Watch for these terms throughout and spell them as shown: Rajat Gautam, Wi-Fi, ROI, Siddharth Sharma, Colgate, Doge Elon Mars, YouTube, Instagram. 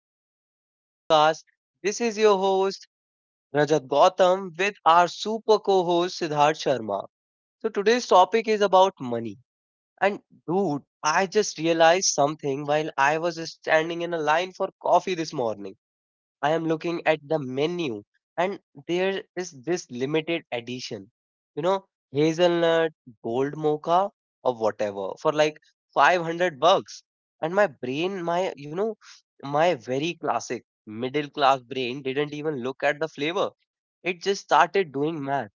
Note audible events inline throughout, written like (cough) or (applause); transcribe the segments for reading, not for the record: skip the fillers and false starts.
Welcome to another podcast. This is your host, Rajat Gautam, with our super co host, Siddharth Sharma. So today's topic is about money. And, dude, I just realized something while I was standing in a line for coffee this morning. I am looking at the menu and there is this limited edition, you know, hazelnut, gold mocha, or whatever for like 500 bucks. And my brain, my very classic middle class brain didn't even look at the flavor. It just started doing math.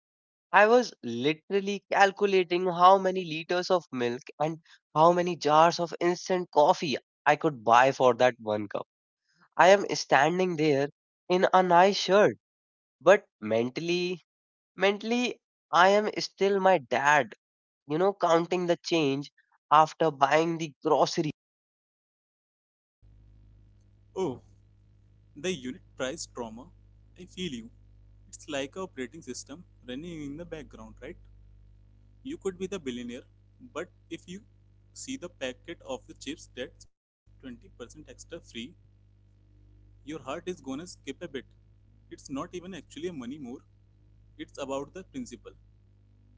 I was literally calculating how many liters of milk and how many jars of instant coffee I could buy for that one cup. I am standing there in a nice shirt, but mentally, I am still my dad, you know, counting the change after buying the grocery. Oh, the unit price trauma. I feel you. It's like a operating system running in the background, right? You could be the billionaire, but if you see the packet of the chips that's 20% extra free, your heart is gonna skip a bit. It's not even actually a money more, it's about the principle.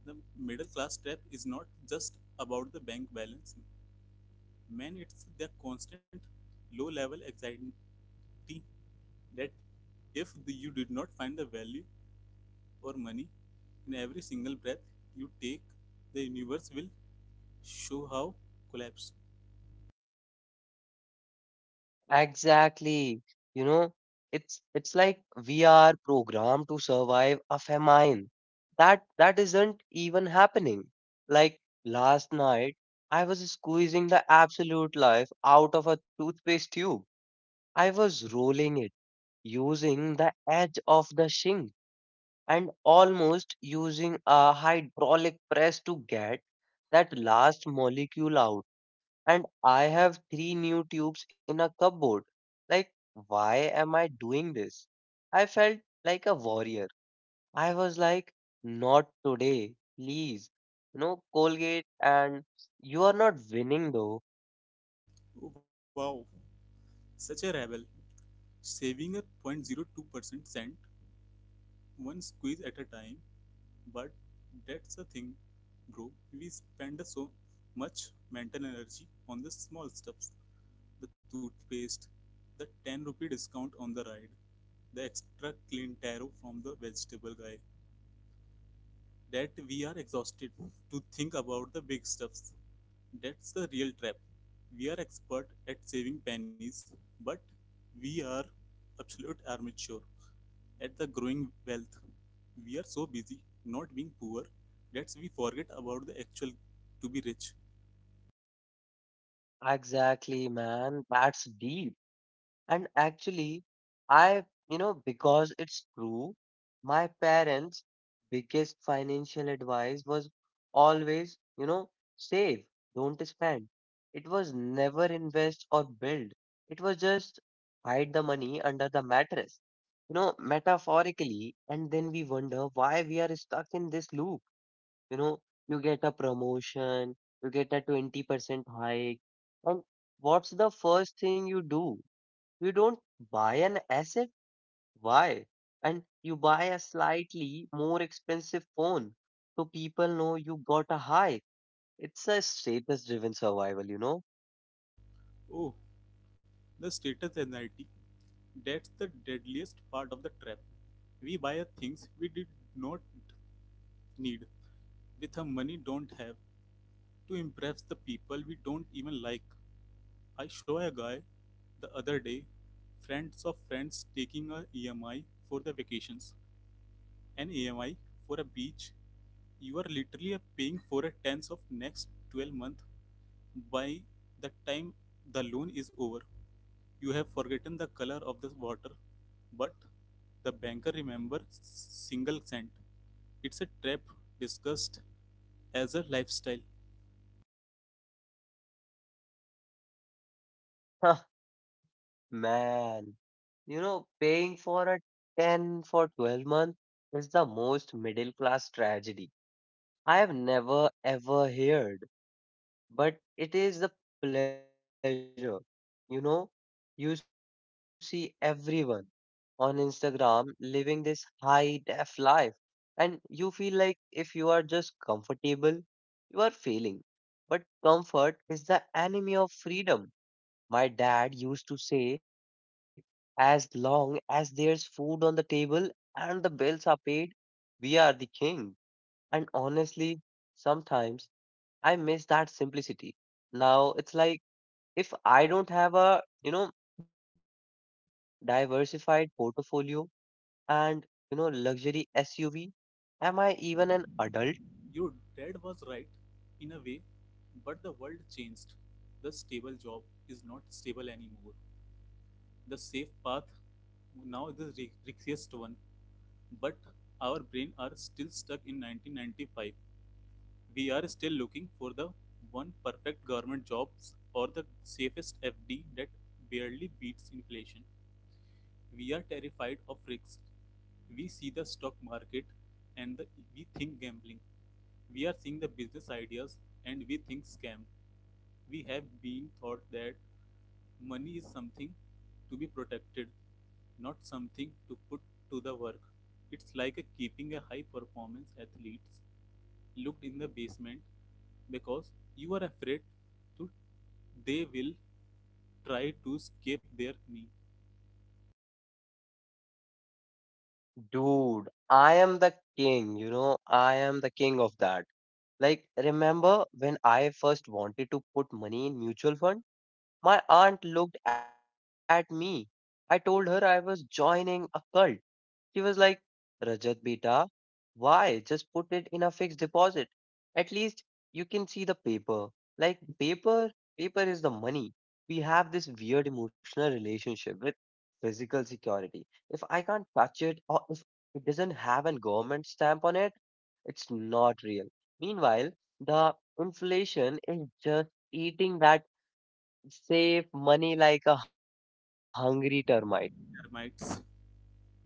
The middle class trap is not just about the bank balance. Man, it's the constant low level anxiety that if you did not find the value or money, in every single breath you take, the universe will show how collapse. Exactly. You know, it's like we are programmed to survive a famine. That isn't even happening. Like last night, I was squeezing the absolute life out of a toothpaste tube. I was rolling it using the edge of the sink and almost using a hydraulic press to get that last molecule out. And I have three new tubes in a cupboard. Like, why am I doing this? I felt like a warrior. I was like, not today, please. No Colgate, and you are not winning though. Oh, wow, such a rebel. Saving a 0.02% cent, one squeeze at a time. But that's the thing, bro. We spend so much mental energy on the small stuffs, the toothpaste, the 10 rupee discount on the ride, the extra clean taro from the vegetable guy. That we are exhausted to think about the big stuffs. That's the real trap. We are expert at saving pennies, but we are absolute amateur at the growing wealth. We are so busy not being poor that we forget about the actual to be rich. Exactly, man. That's deep. And actually, I, because it's true, my parents' biggest financial advice was always, save, don't spend. It was never invest or build. It was just hide the money under the mattress, you know, metaphorically. And then we wonder why we are stuck in this loop. You know, you get a promotion, you get a 20% hike, and what's the first thing you do? You don't buy an asset. Why? And you buy a slightly more expensive phone so people know you got a hike. It's a status driven survival, you know? (laughs) Oh, the status anxiety. That's the deadliest part of the trap. We buy things we did not need with a money don't have to impress the people we don't even like. I saw a guy the other day, friends of friends taking a EMI for the vacations. An EMI for a beach, you are literally paying for a tenth of next 12 month. By the time the loan is over, you have forgotten the color of the water, but the banker remembers single cent. It's a trap discussed as a lifestyle. Huh, man. You know, paying for a 10 for 12 month is the most middle class tragedy I have never ever heard. But it is the pleasure. You know, you see everyone on Instagram living this high def life, and you feel like if you are just comfortable, you are failing. But comfort is the enemy of freedom. My dad used to say, as long as there's food on the table and the bills are paid, we are the king. And honestly, sometimes I miss that simplicity. Now it's like if I don't have a, diversified portfolio and, luxury SUV, am I even an adult? Your dad was right in a way, but the world changed. The stable job is not stable anymore. The safe path now is the riskiest one. But our brain are still stuck in 1995. We are still looking for the one perfect government jobs or the safest FD that barely beats inflation. We are terrified of risks. We see the stock market and the, we think gambling. We are seeing the business ideas and we think scam. We have been taught that money is something to be protected, not something to put to the work. It's like a keeping a high performance athletes locked in the basement because you are afraid to they will try to escape their knee Dude, I am the king, you know, I am the king of that. Like, remember when I first wanted to put money in mutual fund? My aunt looked at me. I told her I was joining a cult. She was like, Rajat beta, why? Just put it in a fixed deposit. At least you can see the paper. Like paper is the money. We have this weird emotional relationship with physical security. If I can't touch it or if it doesn't have a government stamp on it, it's not real. Meanwhile, the inflation is just eating that safe money like a hungry termite. termites.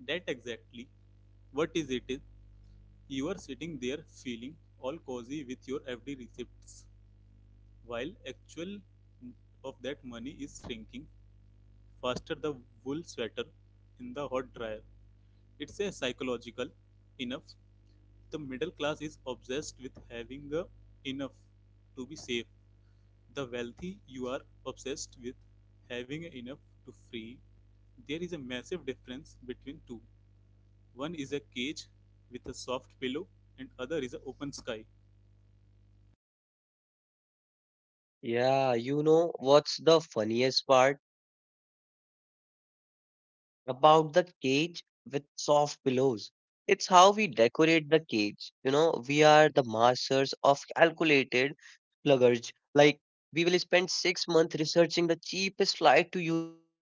That exactly what is it is you are sitting there feeling all cozy with your FD receipts while actual of that money is shrinking faster the wool sweater in the hot dryer. It's a psychological enough. The middle class is obsessed with having the enough to be safe. The wealthy you are obsessed with having enough to free. There is a massive difference between two. One is a cage with a soft pillow, and other is an open sky. Yeah, you know what's the funniest part about the cage with soft pillows? It's how we decorate the cage. You know, we are the masters of calculated luggage. Like, we will spend 6 months researching the cheapest flight to Europe.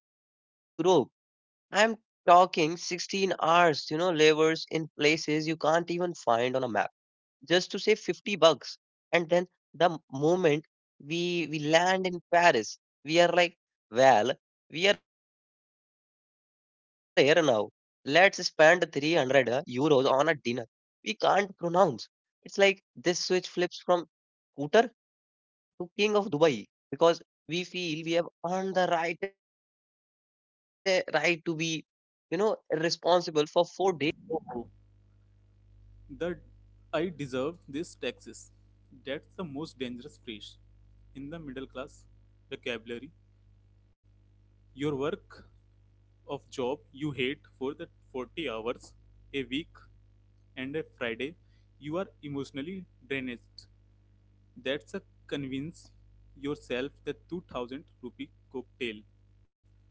I'm talking 16 hours, you know, levers in places you can't even find on a map just to save 50 bucks, and then moment we land in Paris, we are like, well, we are here now, let's spend €300 on a dinner we can't pronounce. It's like this switch flips from scooter to king of Dubai because we feel we have earned the right right to be, you know, responsible for 4 days. Oh, that I deserve this taxes. That's the most dangerous phrase in the middle class vocabulary. Your work of job you hate for the 40 hours a week and a Friday, you are emotionally drained. That's a convince yourself the 2000 rupee cocktail.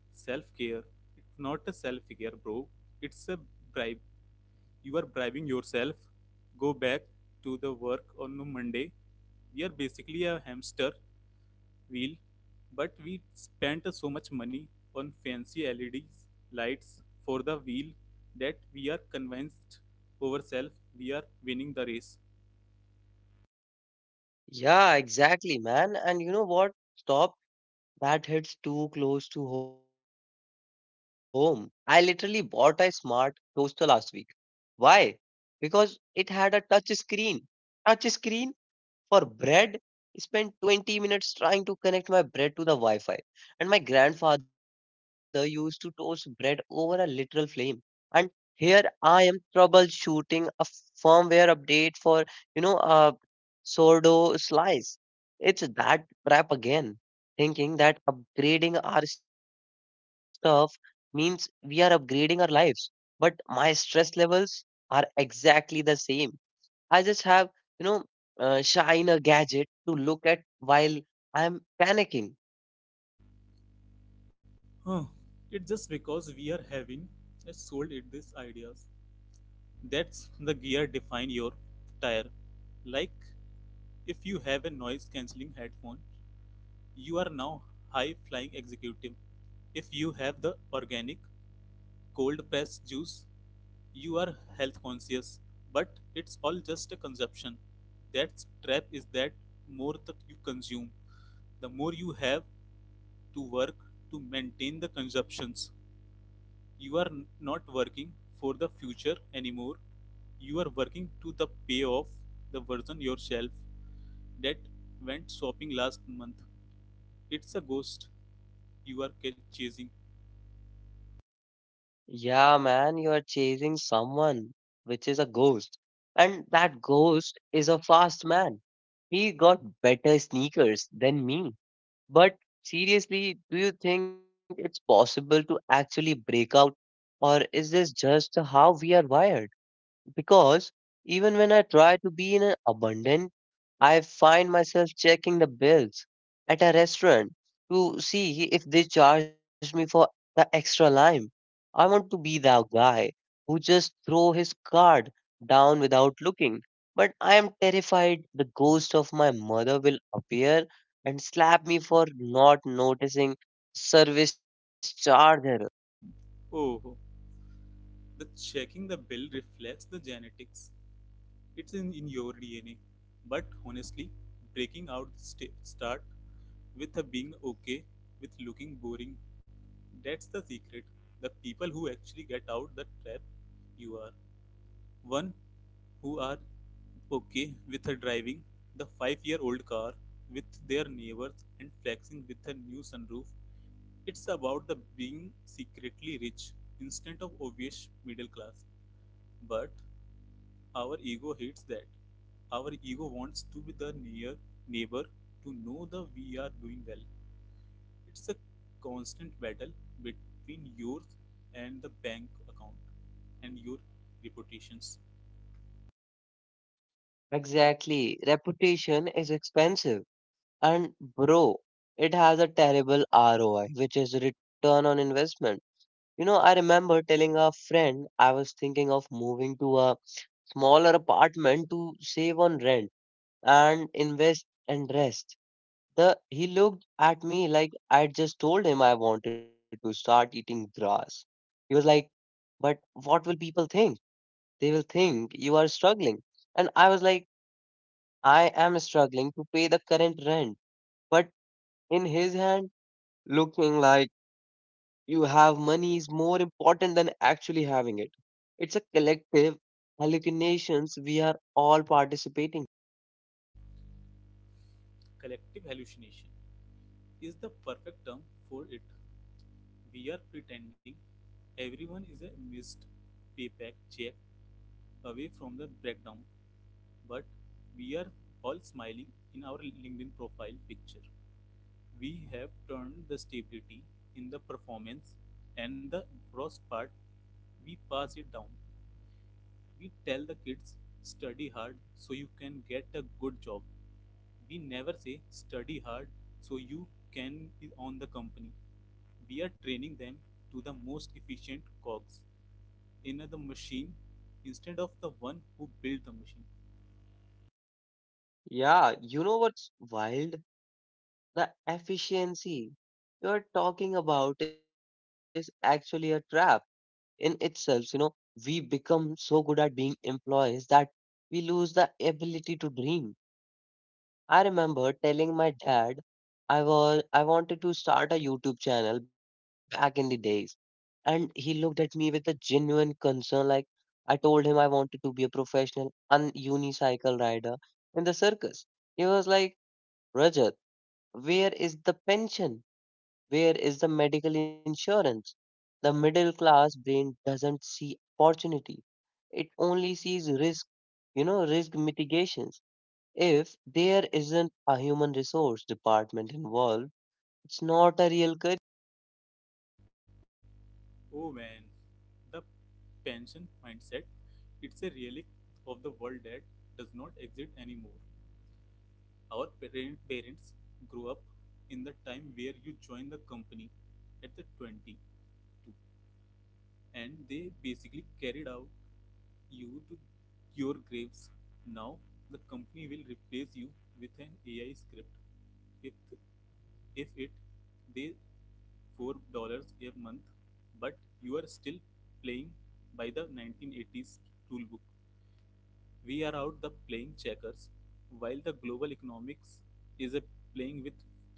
Self care. It's not a self care, bro. It's a bribe. You are bribing yourself. Go back to the work on Monday. We are basically a hamster wheel, but we spent so much money on fancy LEDs lights for the wheel that we are convinced ourselves we are winning the race. Yeah, exactly, man. And you know what stop. That hits too close to home. I literally bought a smart toaster last week. Why? Because it had a touch screen. Touch screen? For bread, I spent 20 minutes trying to connect my bread to the Wi Fi. And my grandfather used to toast bread over a literal flame. And here I am troubleshooting a firmware update for, a sourdough slice. It's that crap again, thinking that upgrading our stuff means we are upgrading our lives. But my stress levels are exactly the same. I just have, you know, shine a gadget to look at while I'm panicking. Huh. It's just because we are having a sold at these ideas. That's the gear define your tire. Like if you have a noise cancelling headphone, you are now high flying executive. If you have the organic cold pressed juice, you are health conscious. But it's all just a consumption. That's trap is that more that you consume, the more you have to work to maintain the consumptions. You are not working for the future anymore. You are working to the payoff the version yourself that went shopping last month. It's a ghost you are chasing. Yeah, man, you are chasing someone, which is a ghost. And that ghost is a fast man. He got better sneakers than me. But seriously, do you think it's possible to actually break out, or is this just how we are wired? Because even when I try to be in an abundant, I find myself checking the bills at a restaurant to see if they charge me for the extra lime. I want to be the guy who just throw his card down without looking. But I am terrified the ghost of my mother will appear and slap me for not noticing service charge error. Oh, the checking the bell reflects the genetics. It's in your DNA. But honestly, breaking out the start with a being okay with looking boring. That's the secret. The people who actually get out the trap you are. One who are okay with her driving the 5-year old car with their neighbors and flexing with a new sunroof. It's about the being secretly rich instead of obvious middle class. But our ego hates that. Our ego wants to be the near neighbor to know that we are doing well. It's a constant battle between yours and the bank account and your reputations. Exactly. Reputation is expensive. And bro, it has a terrible ROI, which is return on investment. You know, I remember telling a friend I was thinking of moving to a smaller apartment to save on rent and invest and rest. The he looked at me like I'd just told him I wanted to start eating grass. He was like, "But what will people think? They will think you are struggling." And I was like, "I am struggling to pay the current rent." But in his hand, looking like you have money is more important than actually having it. It's a collective hallucinations we are all participating. Collective hallucination is the perfect term for it. We are pretending everyone is a missed payback check away from the breakdown, but we are all smiling in our LinkedIn profile picture. We have turned the stability in the performance and the gross part, we pass it down. We tell the kids, study hard so you can get a good job. We never say, study hard so you can be on the company. We are training them to the most efficient cogs in the machine instead of the one who built the machine. Yeah, you know what's wild? The efficiency you're talking about is actually a trap in itself. You know, we become so good at being employees that we lose the ability to dream. I remember telling my dad I wanted to start a YouTube channel back in the days. And he looked at me with a genuine concern. Like I told him I wanted to be a professional unicycle rider in the circus. He was like, Rajat, where is the pension? Where is the medical insurance? The middle class brain doesn't see opportunity. It only sees risk, you know, risk mitigations. If there isn't a human resource department involved, it's not a real career. Oh man, the pension mindset. It's a relic of the world that does not exist anymore. Our parents grew up in the time where you join the company at the 20 and they basically carried out you to your graves. Now the company will replace you with an AI script. If if it they $4 a month, but you are still playing by the 1980s rulebook. We are out the playing checkers, while the global economics is a playing with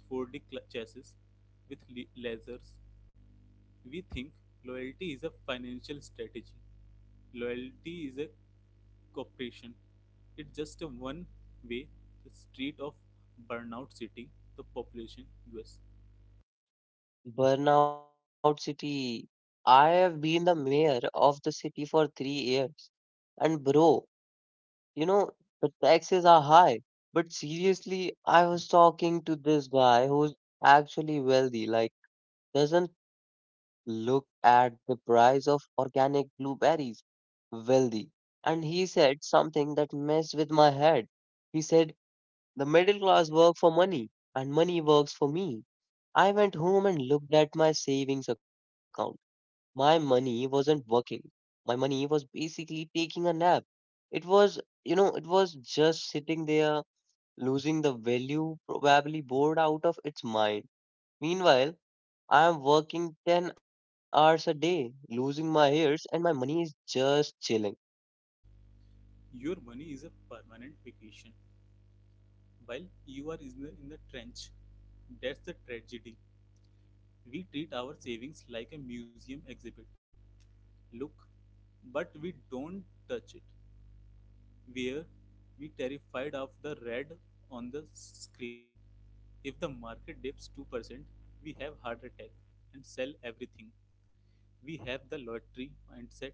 4D chassis with lasers we think loyalty is a financial strategy. Loyalty is a cooperation. It's just a one way the street of burnout city, the population US. Burnout City. I have been the mayor of the city for 3 years. And bro, you know, the taxes are high. But seriously, I was talking to this guy who's actually wealthy, like, doesn't look at the price of organic blueberries, wealthy. And he said something that messed with my head. He said, the middle class work for money and money works for me. I went home and looked at my savings account. My money wasn't working. My money was basically taking a nap. It was, it was just sitting there, losing the value, probably bored out of its mind. Meanwhile, I am working 10 hours a day, losing my hairs, and my money is just chilling. Your money is a permanent vacation while you are in the trench. That's the tragedy. We treat our savings like a museum exhibit. Look, but we don't touch it. Were we terrified of the red on the screen? If the market dips 2%, we have heart attack and sell everything. We have the lottery mindset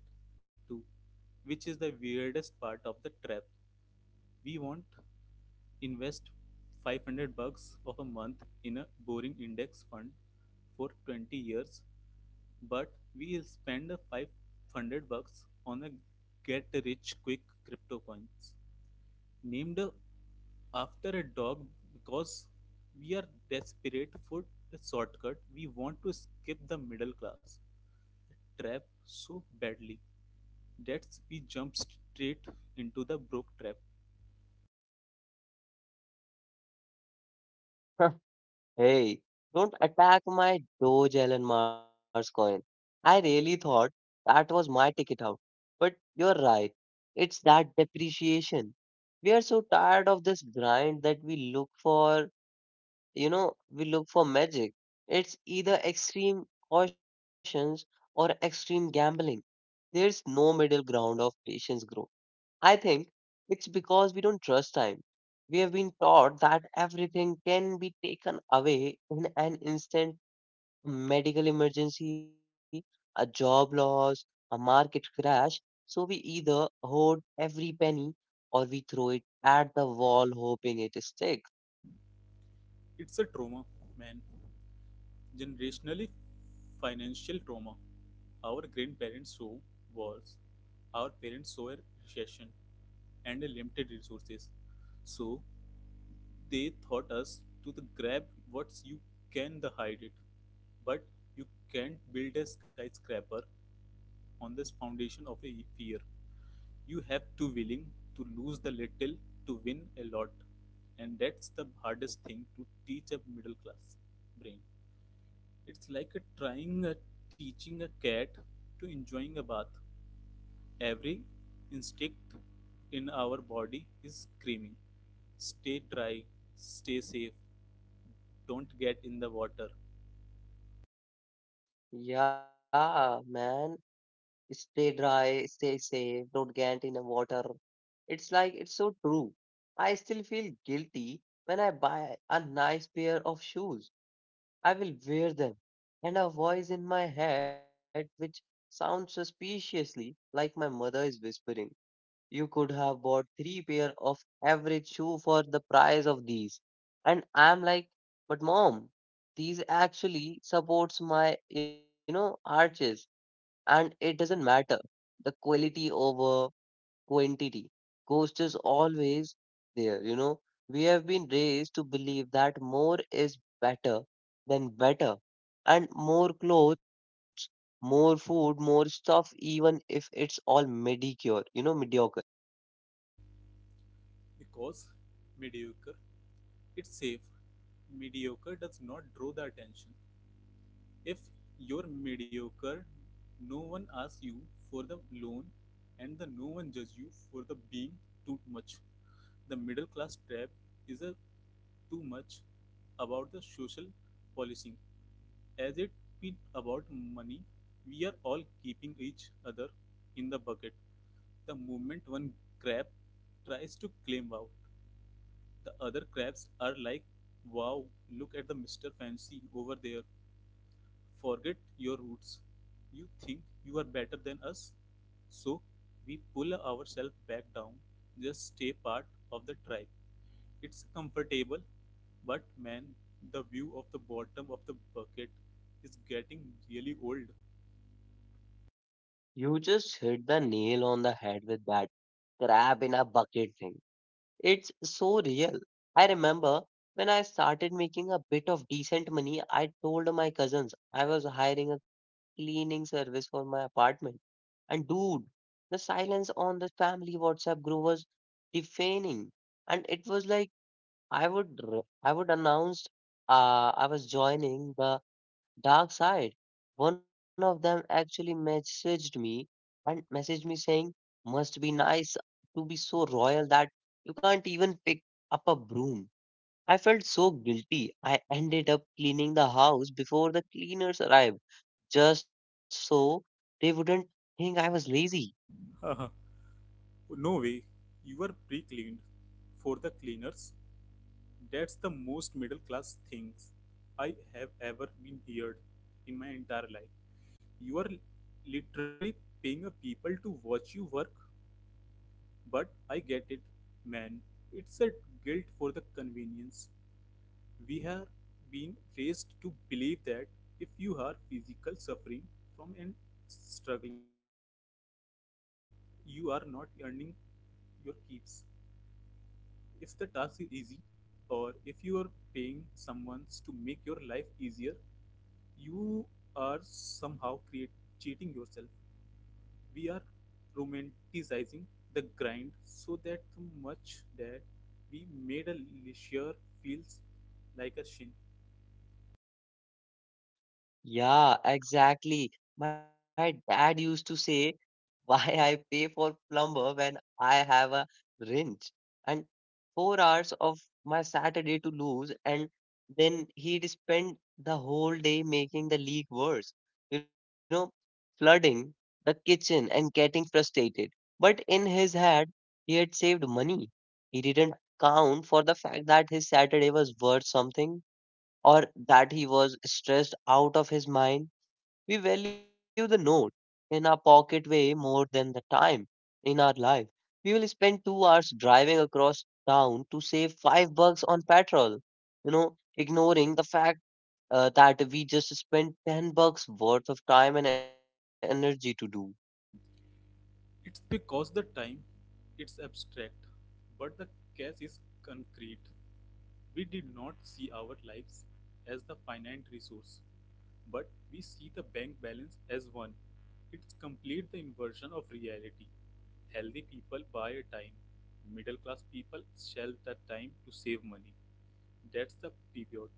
too, which is the weirdest part of the trap. We won't invest 500 bucks of a month in a boring index fund for 20 years, but we'll spend 500 bucks on a get rich quick crypto coins named after a dog because we are desperate for a shortcut. We want to skip the middle class the trap so badly that we jump straight into the broke trap. (laughs) Hey, don't attack my Doge Elon Mars coin. I really thought that was my ticket out. But you're right. It's that depreciation. We are so tired of this grind that we look for, we look for magic. It's either extreme cautions or extreme gambling. There's no middle ground of patience growth. I think it's because we don't trust time. We have been taught that everything can be taken away in an instant, a medical emergency, a job loss, a market crash. So we either hoard every penny or we throw it at the wall hoping it sticks. It's a trauma, man. Generationally financial trauma. Our grandparents saw wars, our parents saw a recession and a limited resources. So they taught us to the grab what you can the hide it, but you can't build a skyscraper on this foundation of a fear. You have to willing to lose the little to win a lot, and that's the hardest thing to teach a middle class brain. It's like a trying a teaching a cat to enjoying a bath. Every instinct in our body is screaming, stay dry, stay safe, don't get in the water Yeah, man. Stay dry, stay safe, don't get in the water. It's like it's so true. I still feel guilty when I buy a nice pair of shoes. I will wear them. And a voice in my head, which sounds suspiciously like my mother is whispering, you could have bought three pair of average shoe for the price of these. And I'm like, but mom, these actually supports my, arches, and it doesn't matter. The quality over quantity ghost is always there. You know, we have been raised to believe that more is better than better, and more clothes, more food, more stuff, even if it's all mediocre. because mediocre it's safe, mediocre does not draw the attention. If you're mediocre, no one asks you for the loan and the no one judges you for the being too much. The middle class trap is a too much about the social policing as it be about money. We are all keeping each other in the bucket. The moment one crab tries to climb out, the other crabs are like, wow, look at the Mr. Fancy over there. Forget your roots. You think you are better than us? So we pull ourselves back down, just stay part of the tribe. It's comfortable, but man, the view of the bottom of the bucket is getting really old. You just hit the nail on the head with that crab in a bucket thing. It's so real. I remember when I started making a bit of decent money, I told my cousins I was hiring a cleaning service for my apartment. And dude, the silence on the family WhatsApp group was deafening. And it was like I would announce I was joining the dark side. One of them actually messaged me saying, "Must be nice to be so royal that you can't even pick up a broom." I felt so guilty. I ended up cleaning the house before the cleaners arrived, just so they wouldn't think I was lazy. (laughs) No way. You are pre cleaned for the cleaners. That's the most middle class things I have ever been heard in my entire life. You are literally paying a people to watch you work, but I get it, man. It's a guilt for the convenience. We have been raised to believe that if you are physical suffering from and struggling, you are not earning your keeps. If the task is easy, or if you are paying someone to make your life easier, you are somehow cheating yourself. We are romanticizing the grind so that the much that we made a leisure feels like a sin. Yeah, exactly. My dad used to say, (laughs) "Why I pay for plumber when I have a wrench and 4 hours of my Saturday to lose," and then he'd spend the whole day making the leak worse, You know, flooding the kitchen and getting frustrated. But in his head, he had saved money. He didn't count for the fact that his Saturday was worth something, or that he was stressed out of his mind. We value the note in our pocket way more than the time in our life. We will spend 2 hours driving across town to save $5 on petrol, ignoring the fact that we just spent 10 bucks worth of time and energy to do. It's because the time it's abstract, but the cash is concrete. We did not see our lives as the finite resource, but we see the bank balance as one. It's complete the inversion of reality. Healthy people buy a time, middle class people sell that time to save money. That's the pivot.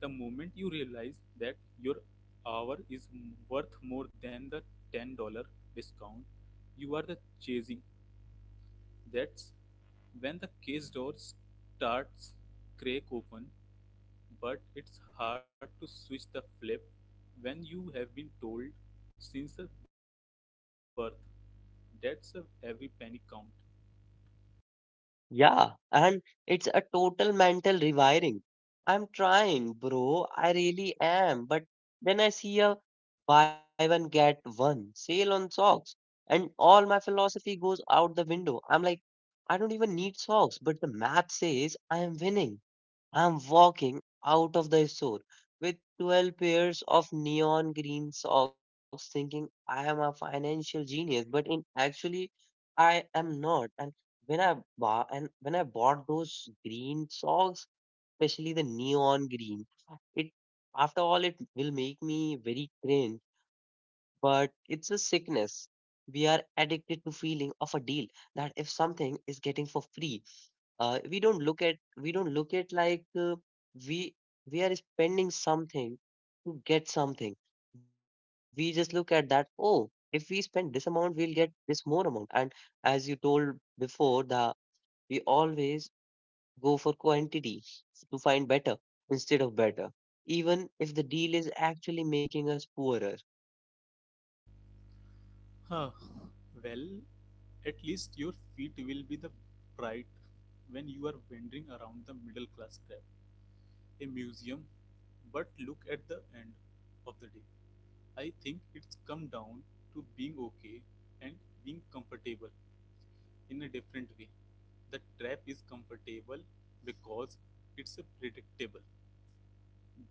The moment you realize that your hour is worth more than the $10 discount you are the chasing. That's when the case door starts crack open, but it's hard to switch the flip when you have been told since birth that's a every penny count. Yeah, and it's a total mental rewiring. I'm trying, bro. I really am. But then I see a buy one get one sale on socks, and all my philosophy goes out the window. I'm like, I don't even need socks, but the math says I am winning. I'm walking out of the store with 12 pairs of neon green socks thinking I am a financial genius, but in actually I am not. And when I bought those green socks, especially the neon green, it after all it will make me very cringe, but it's a sickness. We are addicted to feeling of a deal that if something is getting for free, we don't look at we don't look at like uh, we we are spending something to get something. We just look at that, oh, if we spend this amount we'll get this more amount, and as you told before, the we always go for quantity to find better instead of better, even if the deal is actually making us poorer. Huh. Well, at least your feet will be the bright when you are wandering around the middle class trap, a museum. But look at the end of the day. I think it's come down to being okay and being comfortable in a different way. The trap is comfortable because it's predictable.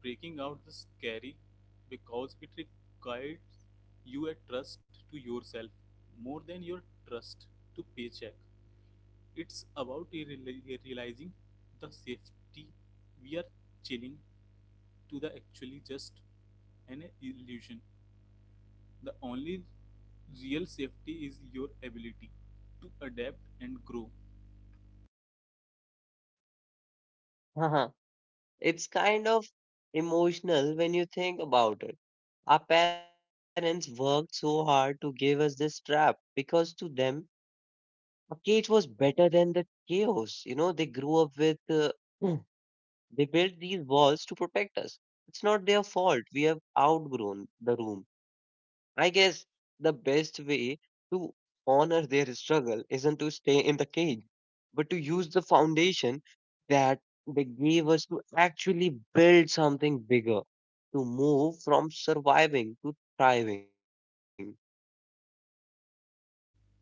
Breaking out the scary because it requires you a trust to yourself more than your trust to paycheck. It's about realizing the safety we are chilling to the actually just an illusion. The only real safety is your ability to adapt and grow. (laughs) It's kind of emotional when you think about it. Our parents worked so hard to give us this trap because to them, a cage was better than the chaos. You know, they grew up with, Mm. they built these walls to protect us. It's not their fault. We have outgrown the room. I guess the best way to honor their struggle isn't to stay in the cage, but to use the foundation that they gave us to actually build something bigger, to move from surviving to thriving.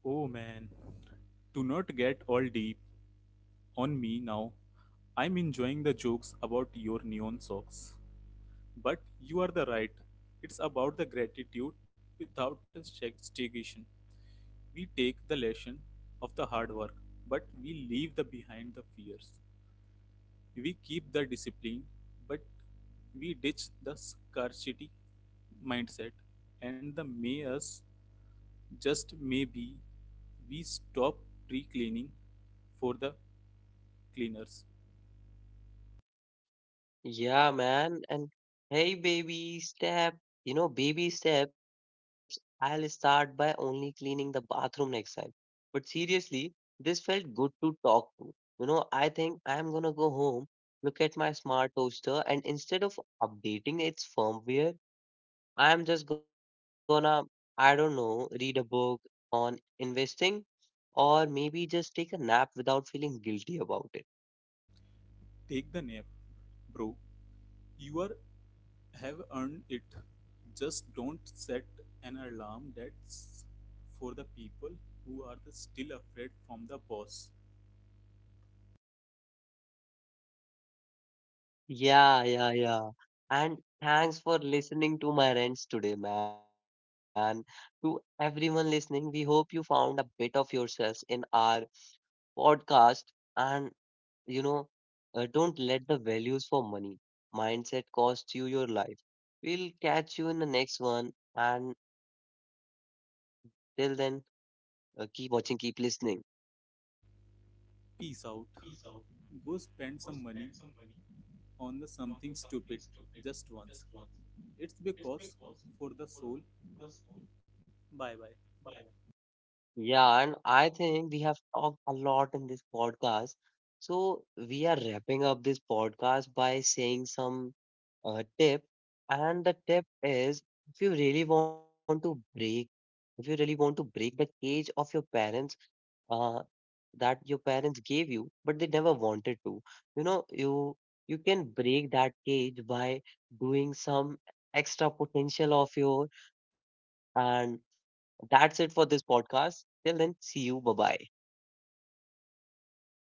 Oh man, do not get all deep on me now. I'm enjoying the jokes about your neon socks. But you are the right. It's about the gratitude without a stigmatization. We take the lesson of the hard work, but we leave the behind the fears. We keep the discipline, but we ditch the scarcity mindset and the may us. Just maybe we stop tree cleaning for the cleaners. Yeah, man. And hey, baby step, you know, baby steps. I'll start by only cleaning the bathroom next time. But seriously, this felt good to talk to. You know, I think I'm gonna go home, look at my smart toaster, and instead of updating its firmware, I'm just gonna, I don't know, read a book on investing, or maybe just take a nap without feeling guilty about it. Take the nap, bro. You are have earned it. Just don't set an alarm that's for the people who are the still afraid from the boss. Yeah, yeah, yeah. And thanks for listening to my rants today, man. To everyone listening, we hope you found a bit of yourselves in our podcast. And, you know, don't let the values for money mindset cost you your life. We'll catch you in the next one. And till then, keep watching, keep listening. Peace out. Go spend some money on the something stupid just once. It's because for the soul. Bye bye. Yeah, and I think we have talked a lot in this podcast. So we are wrapping up this podcast by saying some tip. And the tip is if you really want to break, if you really want to break the cage of your parents uh, that your parents gave you, but they never wanted to, you know, you you can break that cage by doing some extra potential of your, and that's it for this podcast. Till then, see you. Bye bye.